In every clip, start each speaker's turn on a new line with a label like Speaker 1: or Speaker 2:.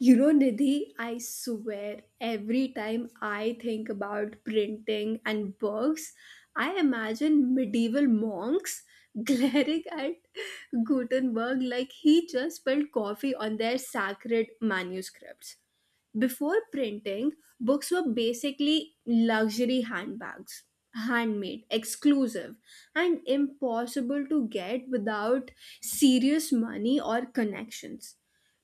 Speaker 1: You know, Nidhi, I swear every time I think about printing and books, I imagine medieval monks glaring at Gutenberg like he just spilled coffee on their sacred manuscripts. Before printing, books were basically luxury handbags, handmade, exclusive, and impossible to get without serious money or connections.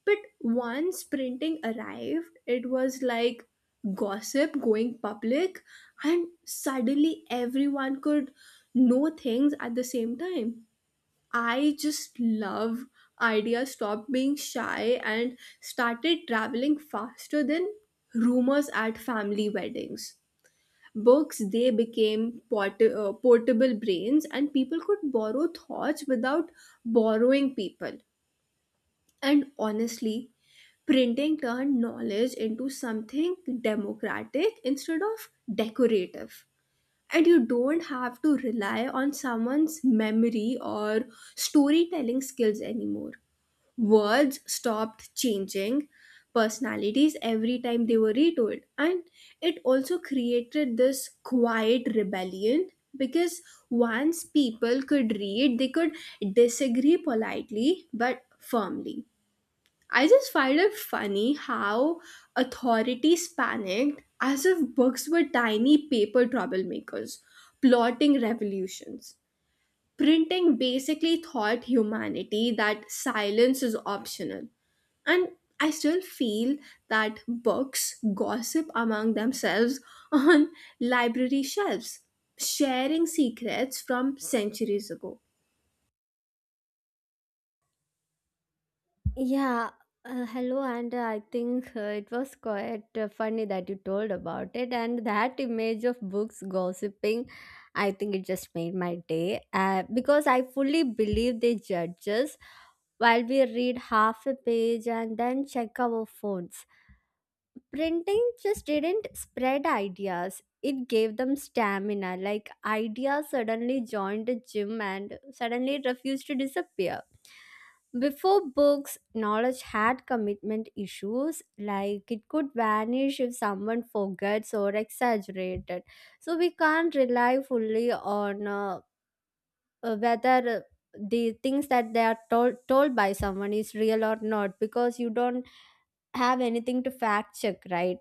Speaker 1: But once printing arrived, it was like gossip going public, and suddenly everyone could know things at the same time. I just love idea stopped being shy and started traveling faster than rumors at family weddings. Books they became portable brains and people could borrow thoughts without borrowing people. And honestly, printing turned knowledge into something democratic instead of decorative. And you don't have to rely on someone's memory or storytelling skills anymore, words stopped changing personalities every time they were retold. And it also created this quiet rebellion, because once people could read they could disagree politely but firmly. I just find it funny how authorities panicked as if books were tiny paper troublemakers plotting revolutions. Printing basically taught humanity that silence is optional. And I still feel that books gossip among themselves on library shelves, sharing secrets from centuries ago.
Speaker 2: Yeah, hello, and I think it was quite funny that you told about it. And that image of books gossiping, I think it just made my day because I fully believe they judge us while we read half a page and then check our phones. Printing just didn't spread ideas, it gave them stamina. Like ideas suddenly joined the gym and suddenly it refused to disappear. Before books, knowledge had commitment issues, like it could vanish if someone forgets or exaggerated. So we can't rely fully on whether the things that they are told by someone is real or not, because you don't have anything to fact check, right?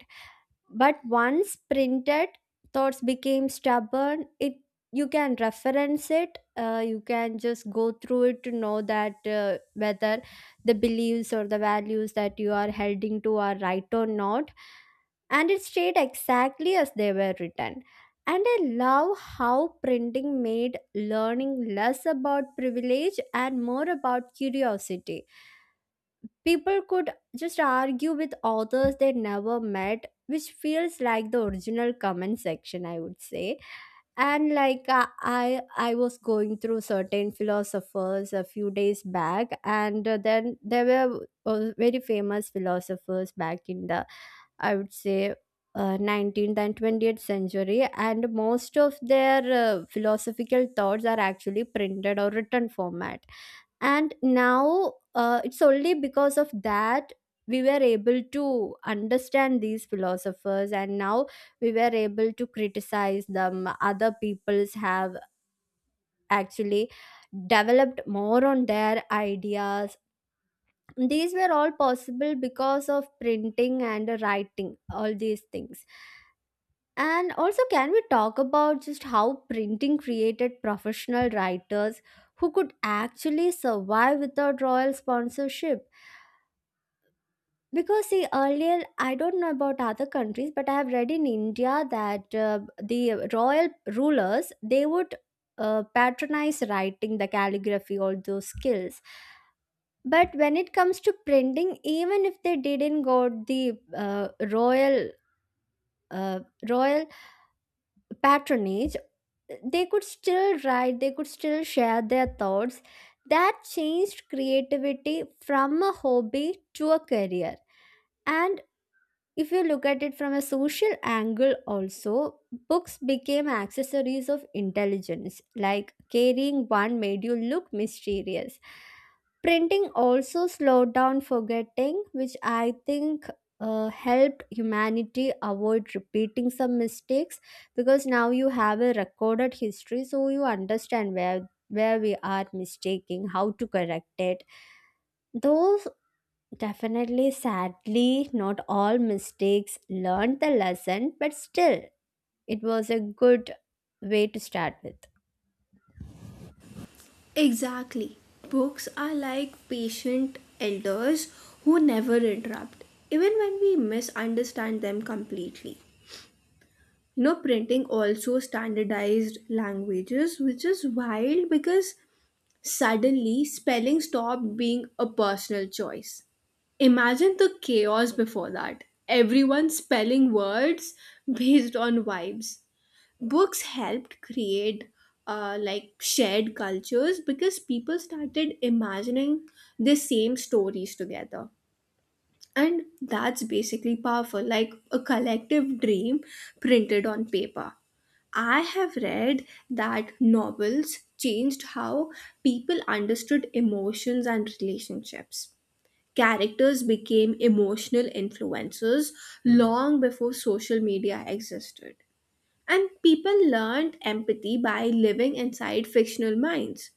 Speaker 2: But once printed, thoughts became stubborn. It, you can reference it, you can just go through it to know that whether the beliefs or the values that you are holding to are right or not, and it stayed exactly as they were written. And I love how printing made learning less about privilege and more about curiosity. People could just argue with authors they never met, which feels like the original comment section, I would say. And like I was going through certain philosophers a few days back, and then there were very famous philosophers back in the, I would say, 19th and 20th century, and most of their philosophical thoughts are actually printed or written format. And now it's only because of that we were able to understand these philosophers, and now we were able to criticize them. Other peoples have actually developed more on their ideas. These were all possible because of printing and writing all these things. And also, can we talk about just how printing created professional writers who could actually survive without royal sponsorship? Because see, earlier, I don't know about other countries, but I have read in India that the royal rulers, they would patronize writing, the calligraphy, all those skills. But when it comes to printing, even if they didn't got the royal uh, royal patronage, they could still write. They could still share their thoughts. That changed creativity from a hobby to a career. And if you look at it from a social angle, also, books became accessories of intelligence, like carrying one made you look mysterious. Printing also slowed down forgetting, which I think helped humanity avoid repeating some mistakes, because now you have a recorded history, so you understand where we are mistaking, how to correct it. Those, definitely, sadly, not all mistakes learned the lesson, but still, it was a good way to start with.
Speaker 1: Exactly. Books are like patient elders who never interrupt even when we misunderstand them completely. You know, printing also standardized languages, which is wild because suddenly, spelling stopped being a personal choice. Imagine the chaos before that. Everyone spelling words based on vibes. Books helped create like shared cultures because people started imagining the same stories together. And that's basically powerful, like a collective dream printed on paper. I have read that novels changed how people understood emotions and relationships. Characters became emotional influencers long before social media existed. And people learned empathy by living inside fictional minds.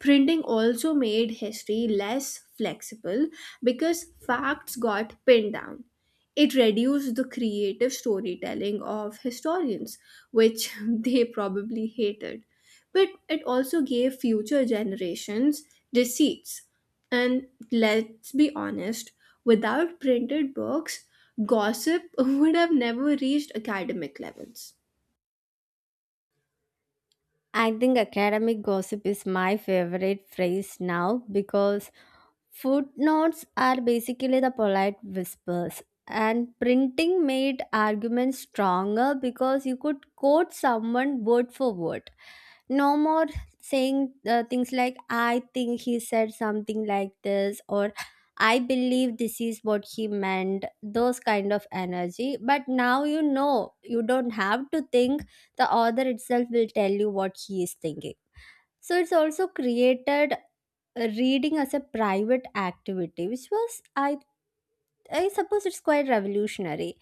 Speaker 1: Printing also made history less flexible because facts got pinned down. It reduced the creative storytelling of historians, which they probably hated. But it also gave future generations receipts. And let's be honest, without printed books, gossip would have never reached academic levels.
Speaker 2: I think academic gossip is my favorite phrase now, because footnotes are basically the polite whispers. And printing made arguments stronger because you could quote someone word for word. No more saying things like, I think he said something like this, or I believe this is what he meant, those kind of energy. But now, you know, you don't have to think, the author itself will tell you what he is thinking. So it's also created reading as a private activity, which was I suppose it's quite revolutionary.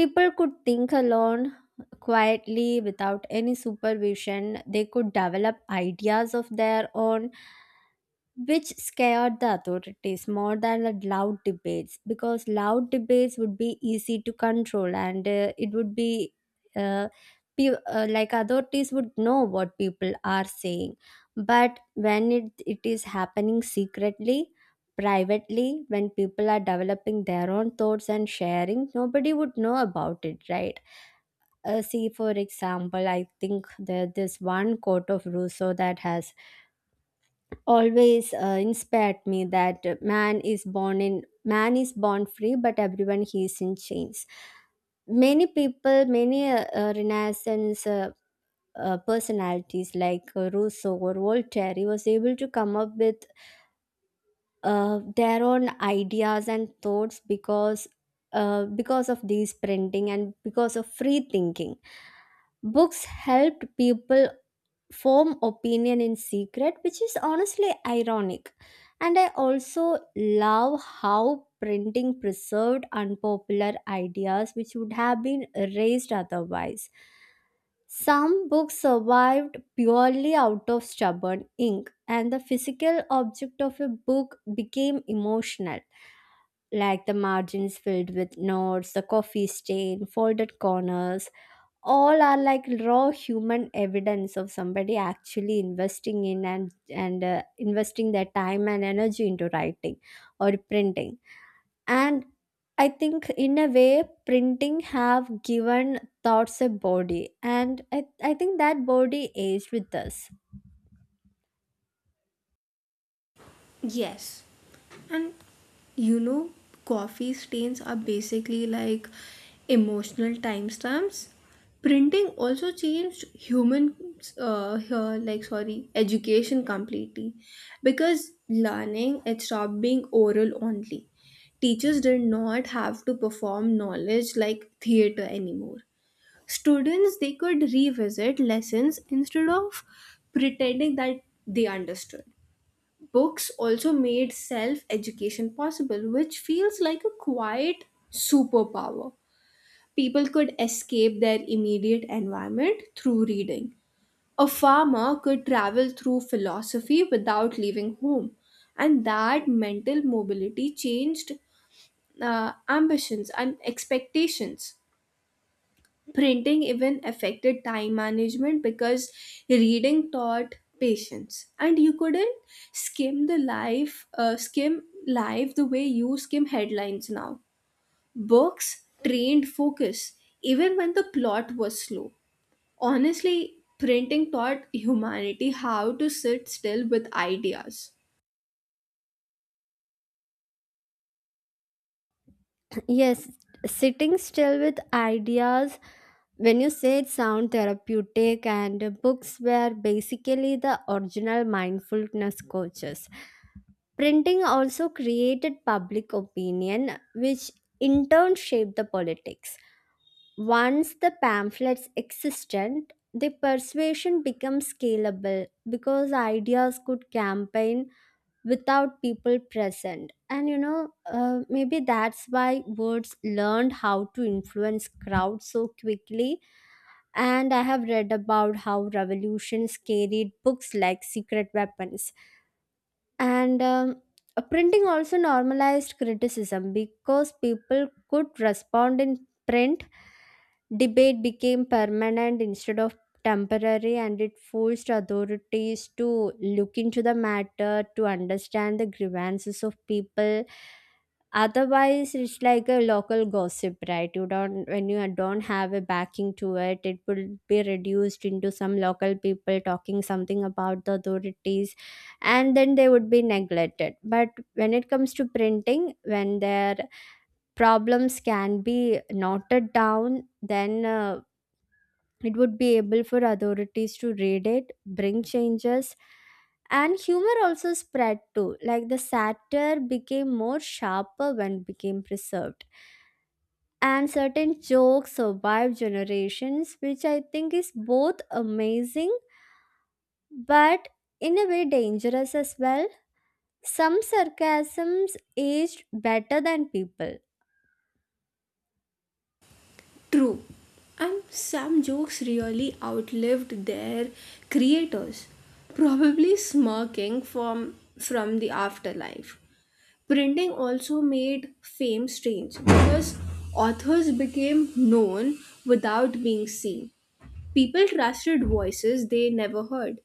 Speaker 2: People could think alone quietly without any supervision. They could develop ideas of their own, which scared the authorities more than the loud debates, because loud debates would be easy to control, and it would be uh, like authorities would know what people are saying. But when it is happening secretly, privately, when people are developing their own thoughts and sharing, nobody would know about it, right? See, for example, I think there this one quote of Rousseau that has always inspired me, that man is born free, but everyone he is in chains. Many people, many renaissance personalities like Rousseau or Voltaire, he was able to come up with their own ideas and thoughts because of these printing and because of free thinking. Books helped people form opinion in secret, which is honestly ironic. And I also love how printing preserved unpopular ideas which would have been erased otherwise. Some books survived purely out of stubborn ink, and the physical object of a book became emotional, like the margins filled with notes, the coffee stain, folded corners, all are like raw human evidence of somebody actually investing in and investing their time and energy into writing or printing. And I think in a way, printing have given thoughts a body, and I think that body aged with us.
Speaker 1: Yes. And you know, coffee stains are basically like emotional timestamps. Printing also changed human, here, like sorry, education completely, because learning it stopped being oral only. Teachers did not have to perform knowledge like theater anymore. Students they could revisit lessons instead of pretending that they understood. Books also made self education possible, which feels like a quiet superpower. People could escape their immediate environment through reading. A farmer could travel through philosophy without leaving home, and that mental mobility changed ambitions and expectations. Printing even affected time management because reading taught patience, and you couldn't skim life the way you skim headlines now. Books trained focus even when the plot was slow. Honestly, printing taught humanity how to sit still with ideas.
Speaker 2: Yes, sitting still with ideas, when you say it sound therapeutic, and books were basically the original mindfulness coaches. Printing also created public opinion, which in turn shaped the politics. Once the pamphlets existed, the persuasion became scalable because ideas could campaign without people present. And you know, maybe that's why words learned how to influence crowds so quickly. And I have read about how revolutions carried books like secret weapons. And printing also normalized criticism because people could respond in print. Debate became permanent instead of temporary, and it forced authorities to look into the matter to understand the grievances of people. Otherwise it's like a local gossip, right? You don't, when you don't have a backing to it, it will be reduced into some local people talking something about the authorities, and then they would be neglected. But when it comes to printing, when their problems can be noted down, then it would be able for authorities to read it, bring changes. And humor also spread too, like the satire became more sharper when it became preserved, and certain jokes survive generations, which I think is both amazing, but in a way dangerous as well. Some sarcasms aged better than people.
Speaker 1: True. And some jokes really outlived their creators, probably smirking from the afterlife. Printing also made fame strange because authors became known without being seen. People trusted voices they never heard.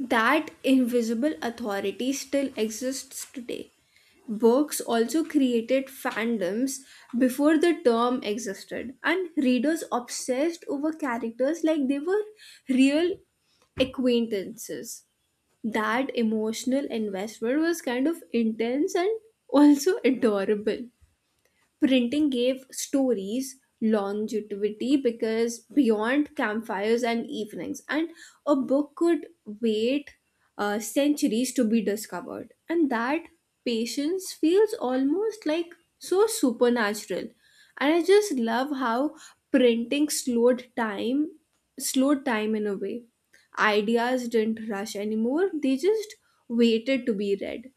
Speaker 1: That invisible authority still exists today. Works also created fandoms before the term existed, and readers obsessed over characters like they were real acquaintances. That emotional investment was kind of intense and also adorable. Printing gave stories longevity because beyond campfires and evenings, and a book could wait centuries to be discovered. And that patience feels almost like so supernatural. And I just love how printing slowed time in a way ideas didn't rush anymore, they just waited to be read.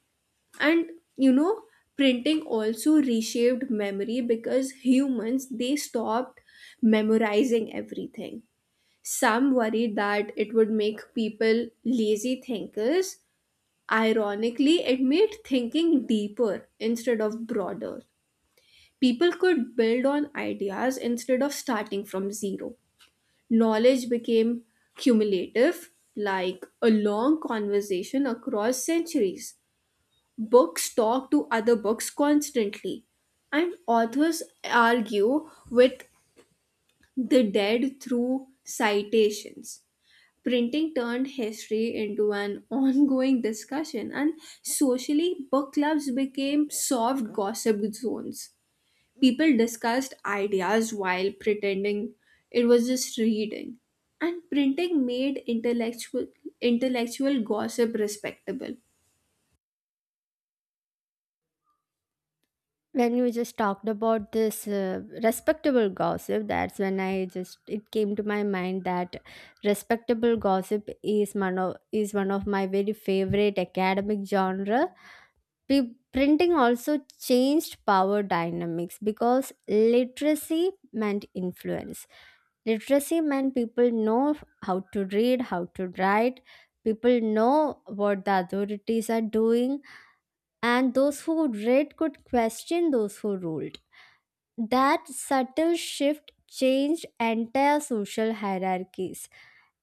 Speaker 1: And you know, printing also reshaped memory because humans they stopped memorizing everything. Some worried that it would make people lazy thinkers. Ironically, it made thinking deeper instead of broader. People could build on ideas instead of starting from zero. Knowledge became cumulative, like a long conversation across centuries. Books talk to other books constantly, and authors argue with the dead through citations. Printing turned history into an ongoing discussion, and socially, book clubs became soft gossip zones. People discussed ideas while pretending it was just reading, and printing made intellectual gossip respectable.
Speaker 2: When you just talked about this respectable gossip, that's when I just, it came to my mind that respectable gossip is one of my very favorite academic genre. Printing also changed power dynamics because literacy meant influence. Literacy meant people know how to read, how to write, people know what the authorities are doing, and those who read could question those who ruled. That subtle shift changed entire social hierarchies.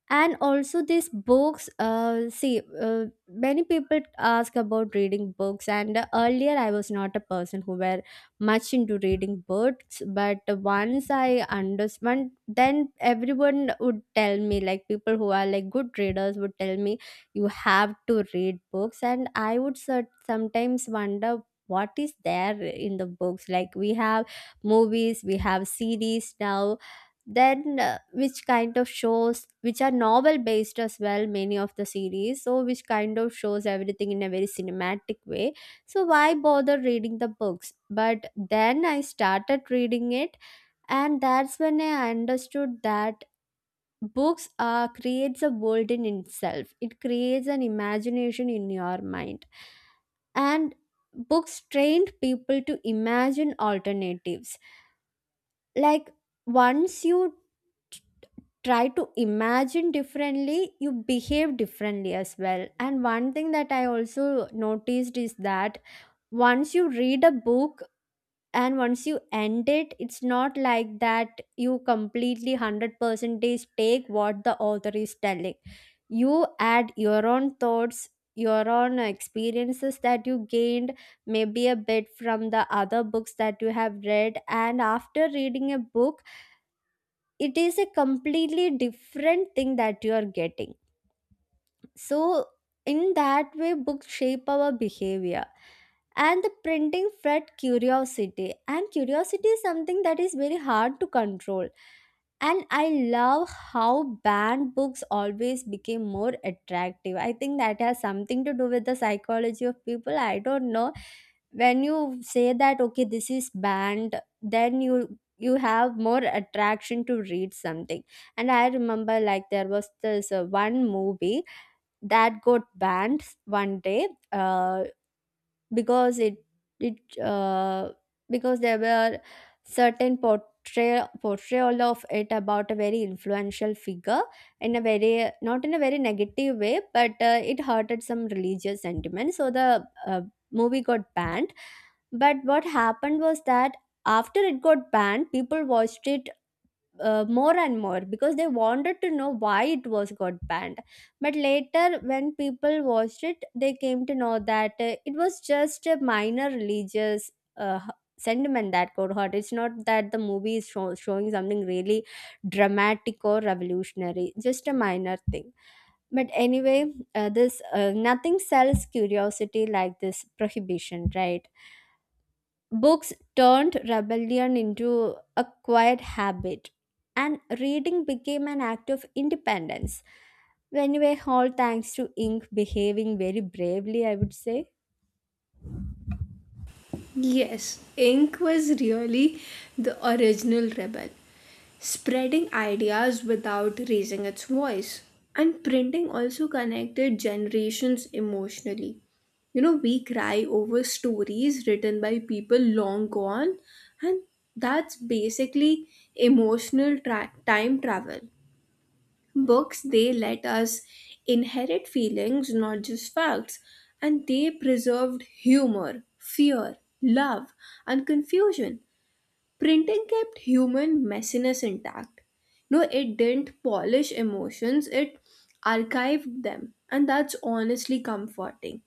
Speaker 2: And also, these books, see, many people ask about reading books. And earlier, I was not a person who were much into reading books. But once I understand, then everyone would tell me, like people who are like good readers would tell me, you have to read books. And I would sometimes wonder what is there in the books. Like we have movies, we have series now, then which kind of shows, which are novel based as well, many of the series, so which kind of shows everything in a very cinematic way. So why bother reading the books? But then I started reading it, and that's when I understood that books creates a world in itself, it creates an imagination in your mind. And books trained people to imagine alternatives. Like, once you try to imagine differently, you behave differently as well. And one thing that I also noticed is that, once you read a book and once you end it, it's not like that you completely 100% take what the author is telling. You add your own thoughts, your own experiences that you gained, maybe a bit from the other books that you have read, and after reading a book, it is a completely different thing that you are getting. So, in that way, books shape our behavior. And the printing fed curiosity, and curiosity is something that is very hard to control. And I love how banned books always became more attractive. I think that has something to do with the psychology of people, I don't know. When you say that, okay, this is banned, then you have more attraction to read something. And I remember, like, there was this one movie that got banned one day, because it because there were certain portrayal of it about a very influential figure in a very, not in a very negative way, but it hurted some religious sentiment, so the movie got banned. But what happened was that, after it got banned, people watched it more and more because they wanted to know why it was got banned. But later, when people watched it, they came to know that it was just a minor religious uh, h- sentiment that got hurt. It's not that the movie is showing something really dramatic or revolutionary, just a minor thing. But anyway, this, nothing sells curiosity like this prohibition, right? Books turned rebellion into a quiet habit, and reading became an act of independence. Anyway, all thanks to Ink behaving very bravely, I would say.
Speaker 1: Yes, ink was really the original rebel, spreading ideas without raising its voice. And printing also connected generations emotionally. You know, we cry over stories written by people long gone, and that's basically emotional time travel. Books, they let us inherit feelings, not just facts, and they preserved humor, fear, love, and confusion. Printing kept human messiness intact. No, it didn't polish emotions, it archived them, and that's honestly comforting.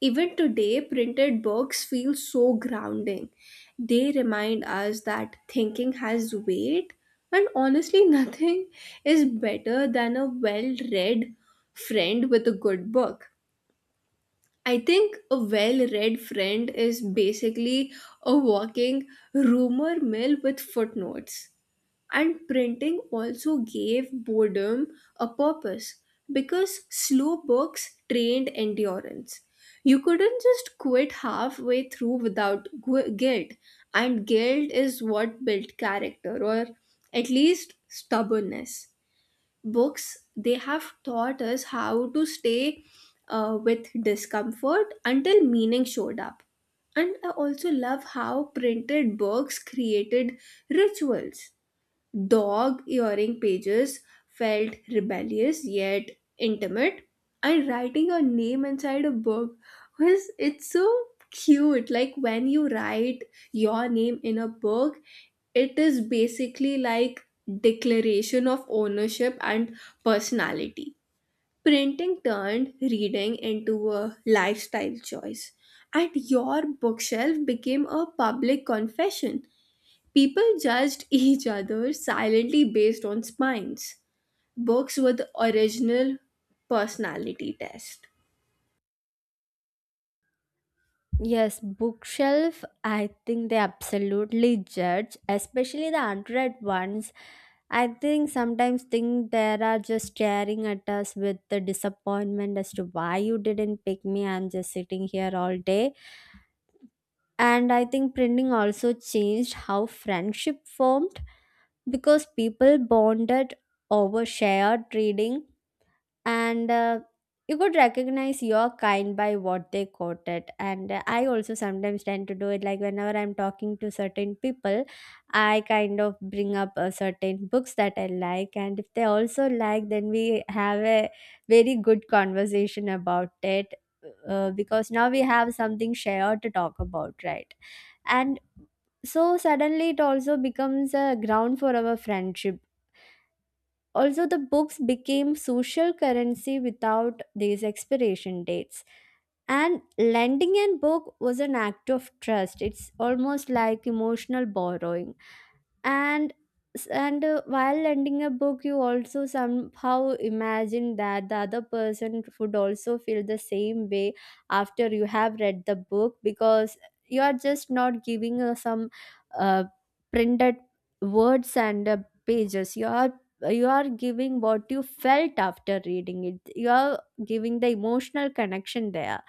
Speaker 1: Even today, printed books feel so grounding. They remind us that thinking has weight, and honestly, nothing is better than a well read friend with a good book. I think a well read friend is basically a walking rumor mill with footnotes. And printing also gave boredom a purpose because slow books trained endurance. You couldn't just quit halfway through without guilt, and guilt is what built character or at least stubbornness. Books, they have taught us how to stay with discomfort until meaning showed up. And I also love how printed books created rituals. Dog earring pages felt rebellious yet intimate, and writing a name inside a book was it's so cute. Like when you write your name in a book, it is basically like declaration of ownership and personality. Printing turned reading into a lifestyle choice, and your bookshelf became a public confession. People judged each other silently based on spines. Books were the original personality test.
Speaker 2: Yes, bookshelf, I think they absolutely judge, especially the unread ones. I think sometimes think they are just staring at us with the disappointment as to why you didn't pick me. I'm just sitting here all day. And I think printing also changed how friendship formed, because people bonded over shared reading. And you could recognize your kind by what they quoted. And I also sometimes tend to do it. Like whenever I'm talking to certain people, I kind of bring up certain books that I like, and if they also like, then we have a very good conversation about it, because now we have something shared to talk about, right? And so suddenly it also becomes a ground for our friendship. Also, the books became social currency without these expiration dates, and lending a book was an act of trust. It's almost like emotional borrowing. And while lending a book, you also somehow imagine that the other person would also feel the same way after you have read the book, because you are just not giving some uh, printed words and pages. You are you are giving what you felt after reading it. You are giving the emotional connection there.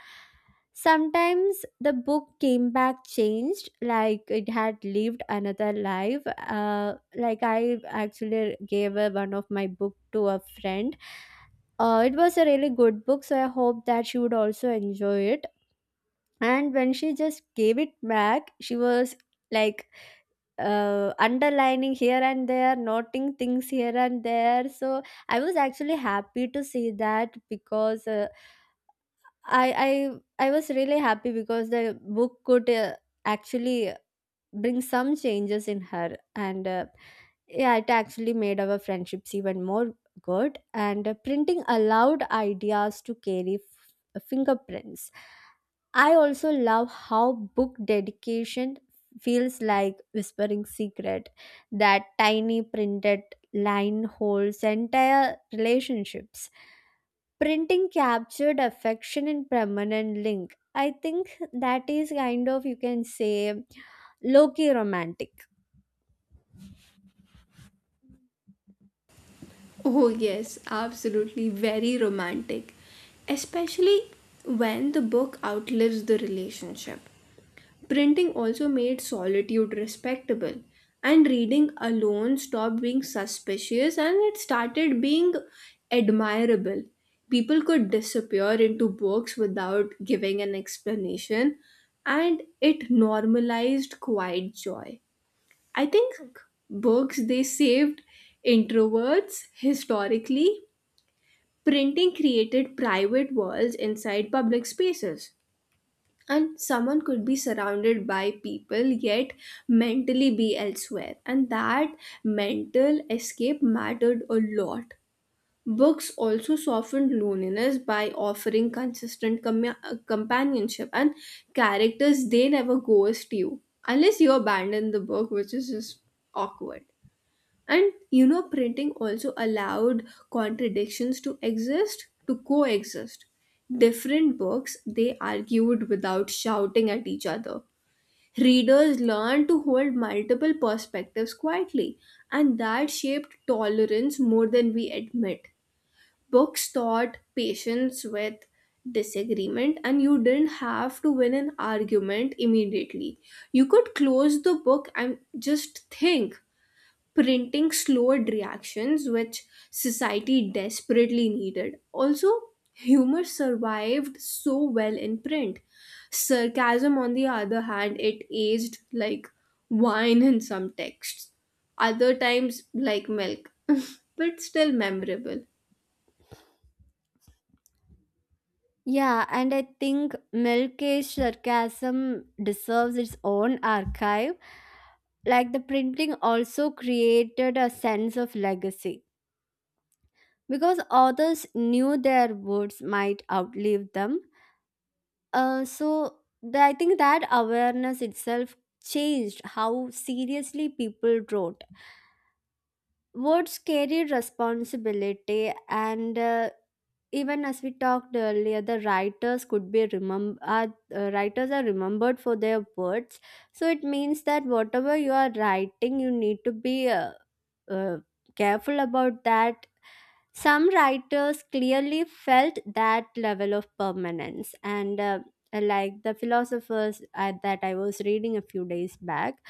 Speaker 2: Sometimes the book came back changed, like it had lived another life. Like I actually gave one of my book to a friend. It was a really good book, so I hope that she would also enjoy it. And when she just gave it back, she was like underlining here and there, noting things here and there. So I was actually happy to see that. Because I I was really happy because the book could actually bring some changes in her. And yeah, it actually made our friendships even more good. And printing allowed ideas to carry fingerprints. I also love how book dedication feels like whispering secret. That tiny printed line holds entire relationships. Printing captured affection in permanent link. I think that is, kind of you can say, low-key romantic.
Speaker 1: Oh, yes, absolutely. Very romantic. Especially when the book outlives the relationship. Printing also made solitude respectable, and reading alone stopped being suspicious and it started being admirable. People could disappear into books without giving an explanation, and it normalized quiet joy. I think books they saved introverts historically. Printing created private worlds inside public spaces. And someone could be surrounded by people yet mentally be elsewhere. And that mental escape mattered a lot. Books also softened loneliness by offering consistent companionship, and characters they never ghost you. Unless you abandon the book, which is just awkward. And you know, printing also allowed contradictions to exist, to coexist. Different books, they argued without shouting at each other. Readers learned to hold multiple perspectives quietly, and that shaped tolerance more than we admit. Books taught patience with disagreement, and you didn't have to win an argument immediately. You could close the book and just think. Printing slowed reactions which society desperately needed. Also, humor survived so well in print. Sarcasm, on the other hand, it aged like wine in some texts, other times like milk, but still memorable.
Speaker 2: Yeah, and I think milkage sarcasm deserves its own archive. Like, the printing also created a sense of legacy because authors knew their words might outlive them. So I think that awareness itself changed how seriously people wrote. Words carry responsibility. And even as we talked earlier, the writers could be remember are, writers are remembered for their words. So it means that whatever you are writing, you need to be uh, careful about that. Some writers clearly felt that level of permanence. And like the philosophers that I was reading a few days back,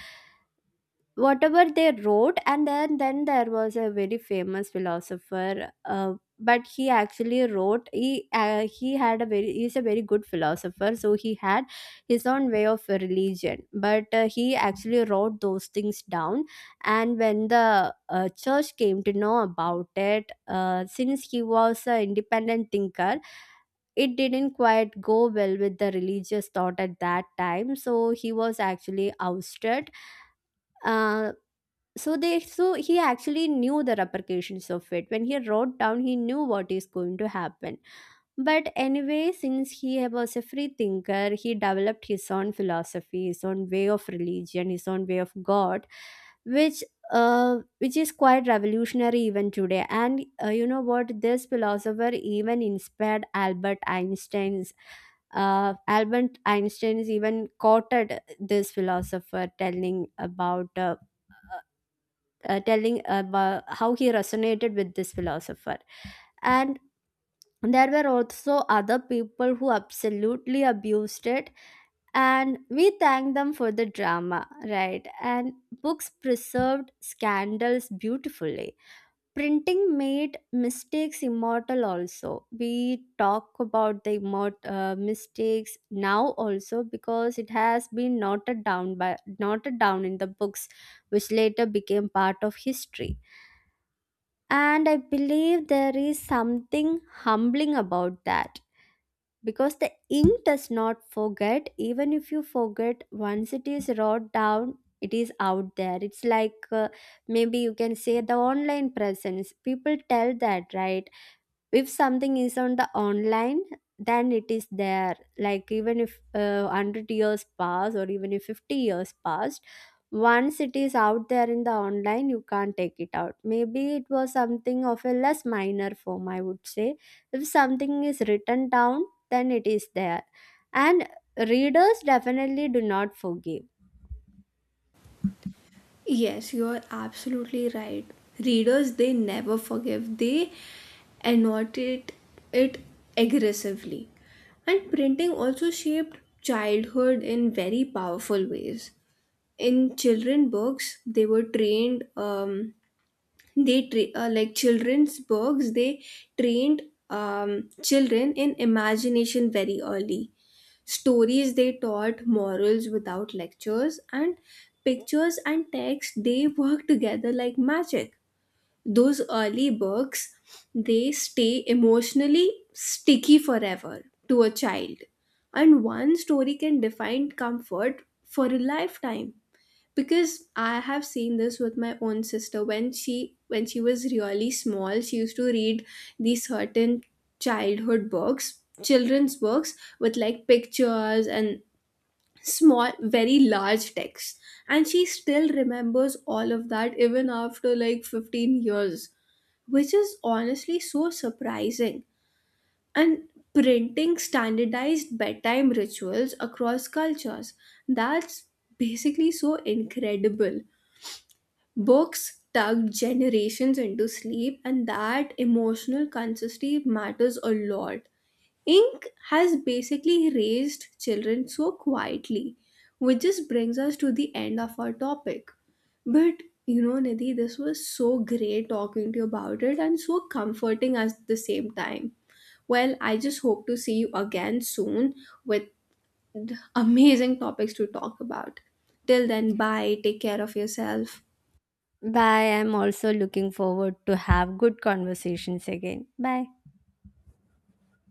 Speaker 2: whatever they wrote. And then there was a very famous philosopher, but he actually wrote. He had a very, he's a very good philosopher, so he had his own way of religion. But he actually wrote those things down. And when the church came to know about it, since he was an independent thinker, it didn't quite go well with the religious thought at that time, so he was actually ousted. Uh, so they so he actually knew the repercussions of it. When he wrote down, he knew what is going to happen. But anyway, since he was a free thinker, he developed his own philosophy, his own way of religion, his own way of god, which which is quite revolutionary even today. And you know what, this philosopher even inspired Albert Einstein's, Albert Einstein is even quoted this philosopher telling about how he resonated with this philosopher. And there were also other people who absolutely abused it, and we thank them for the drama, right? And books preserved scandals beautifully. Printing made mistakes immortal, also. We talk about the mistakes now, also, because it has been noted down in the books, which later became part of history. And I believe there is something humbling about that, because the ink does not forget. Even if you forget, once it is wrote down, it is out there. It's like maybe you can say the online presence. People tell that, right? If something is on the online, then it is there. Like, even if 100 years pass or even if 50 years passed, once it is out there in the online, you can't take it out. Maybe it was something of a less minor form, I would say. If something is written down, then it is there. And readers definitely do not forgive.
Speaker 1: Yes, you are absolutely right. Readers, they never forgive. They annotate it aggressively. And printing also shaped childhood in very powerful ways. In children books, they were trained. They like children's books. They trained children in imagination very early. Stories they taught morals without lectures, and pictures and text they work together like magic. Those early books, they stay emotionally sticky forever to a child, and one story can define comfort for a lifetime. Because I have seen this with my own sister, when she was really small, she used to read these certain childhood books, children's books, with like pictures and small very large text. And she still remembers all of that even after like 15 years, which is honestly so surprising. And printing standardized bedtime rituals across cultures. That's basically so incredible. Books tugged generations into sleep, and that emotional consistency matters a lot. Ink has basically raised children so quietly, which just brings us to the end of our topic. But you know, Nidhi, this was so great talking to you about it and so comforting at the same time. Well, I just hope to see you again soon with amazing topics to talk about. Till then, bye, take care of yourself.
Speaker 2: Bye. I'm also looking forward to have good conversations again. Bye.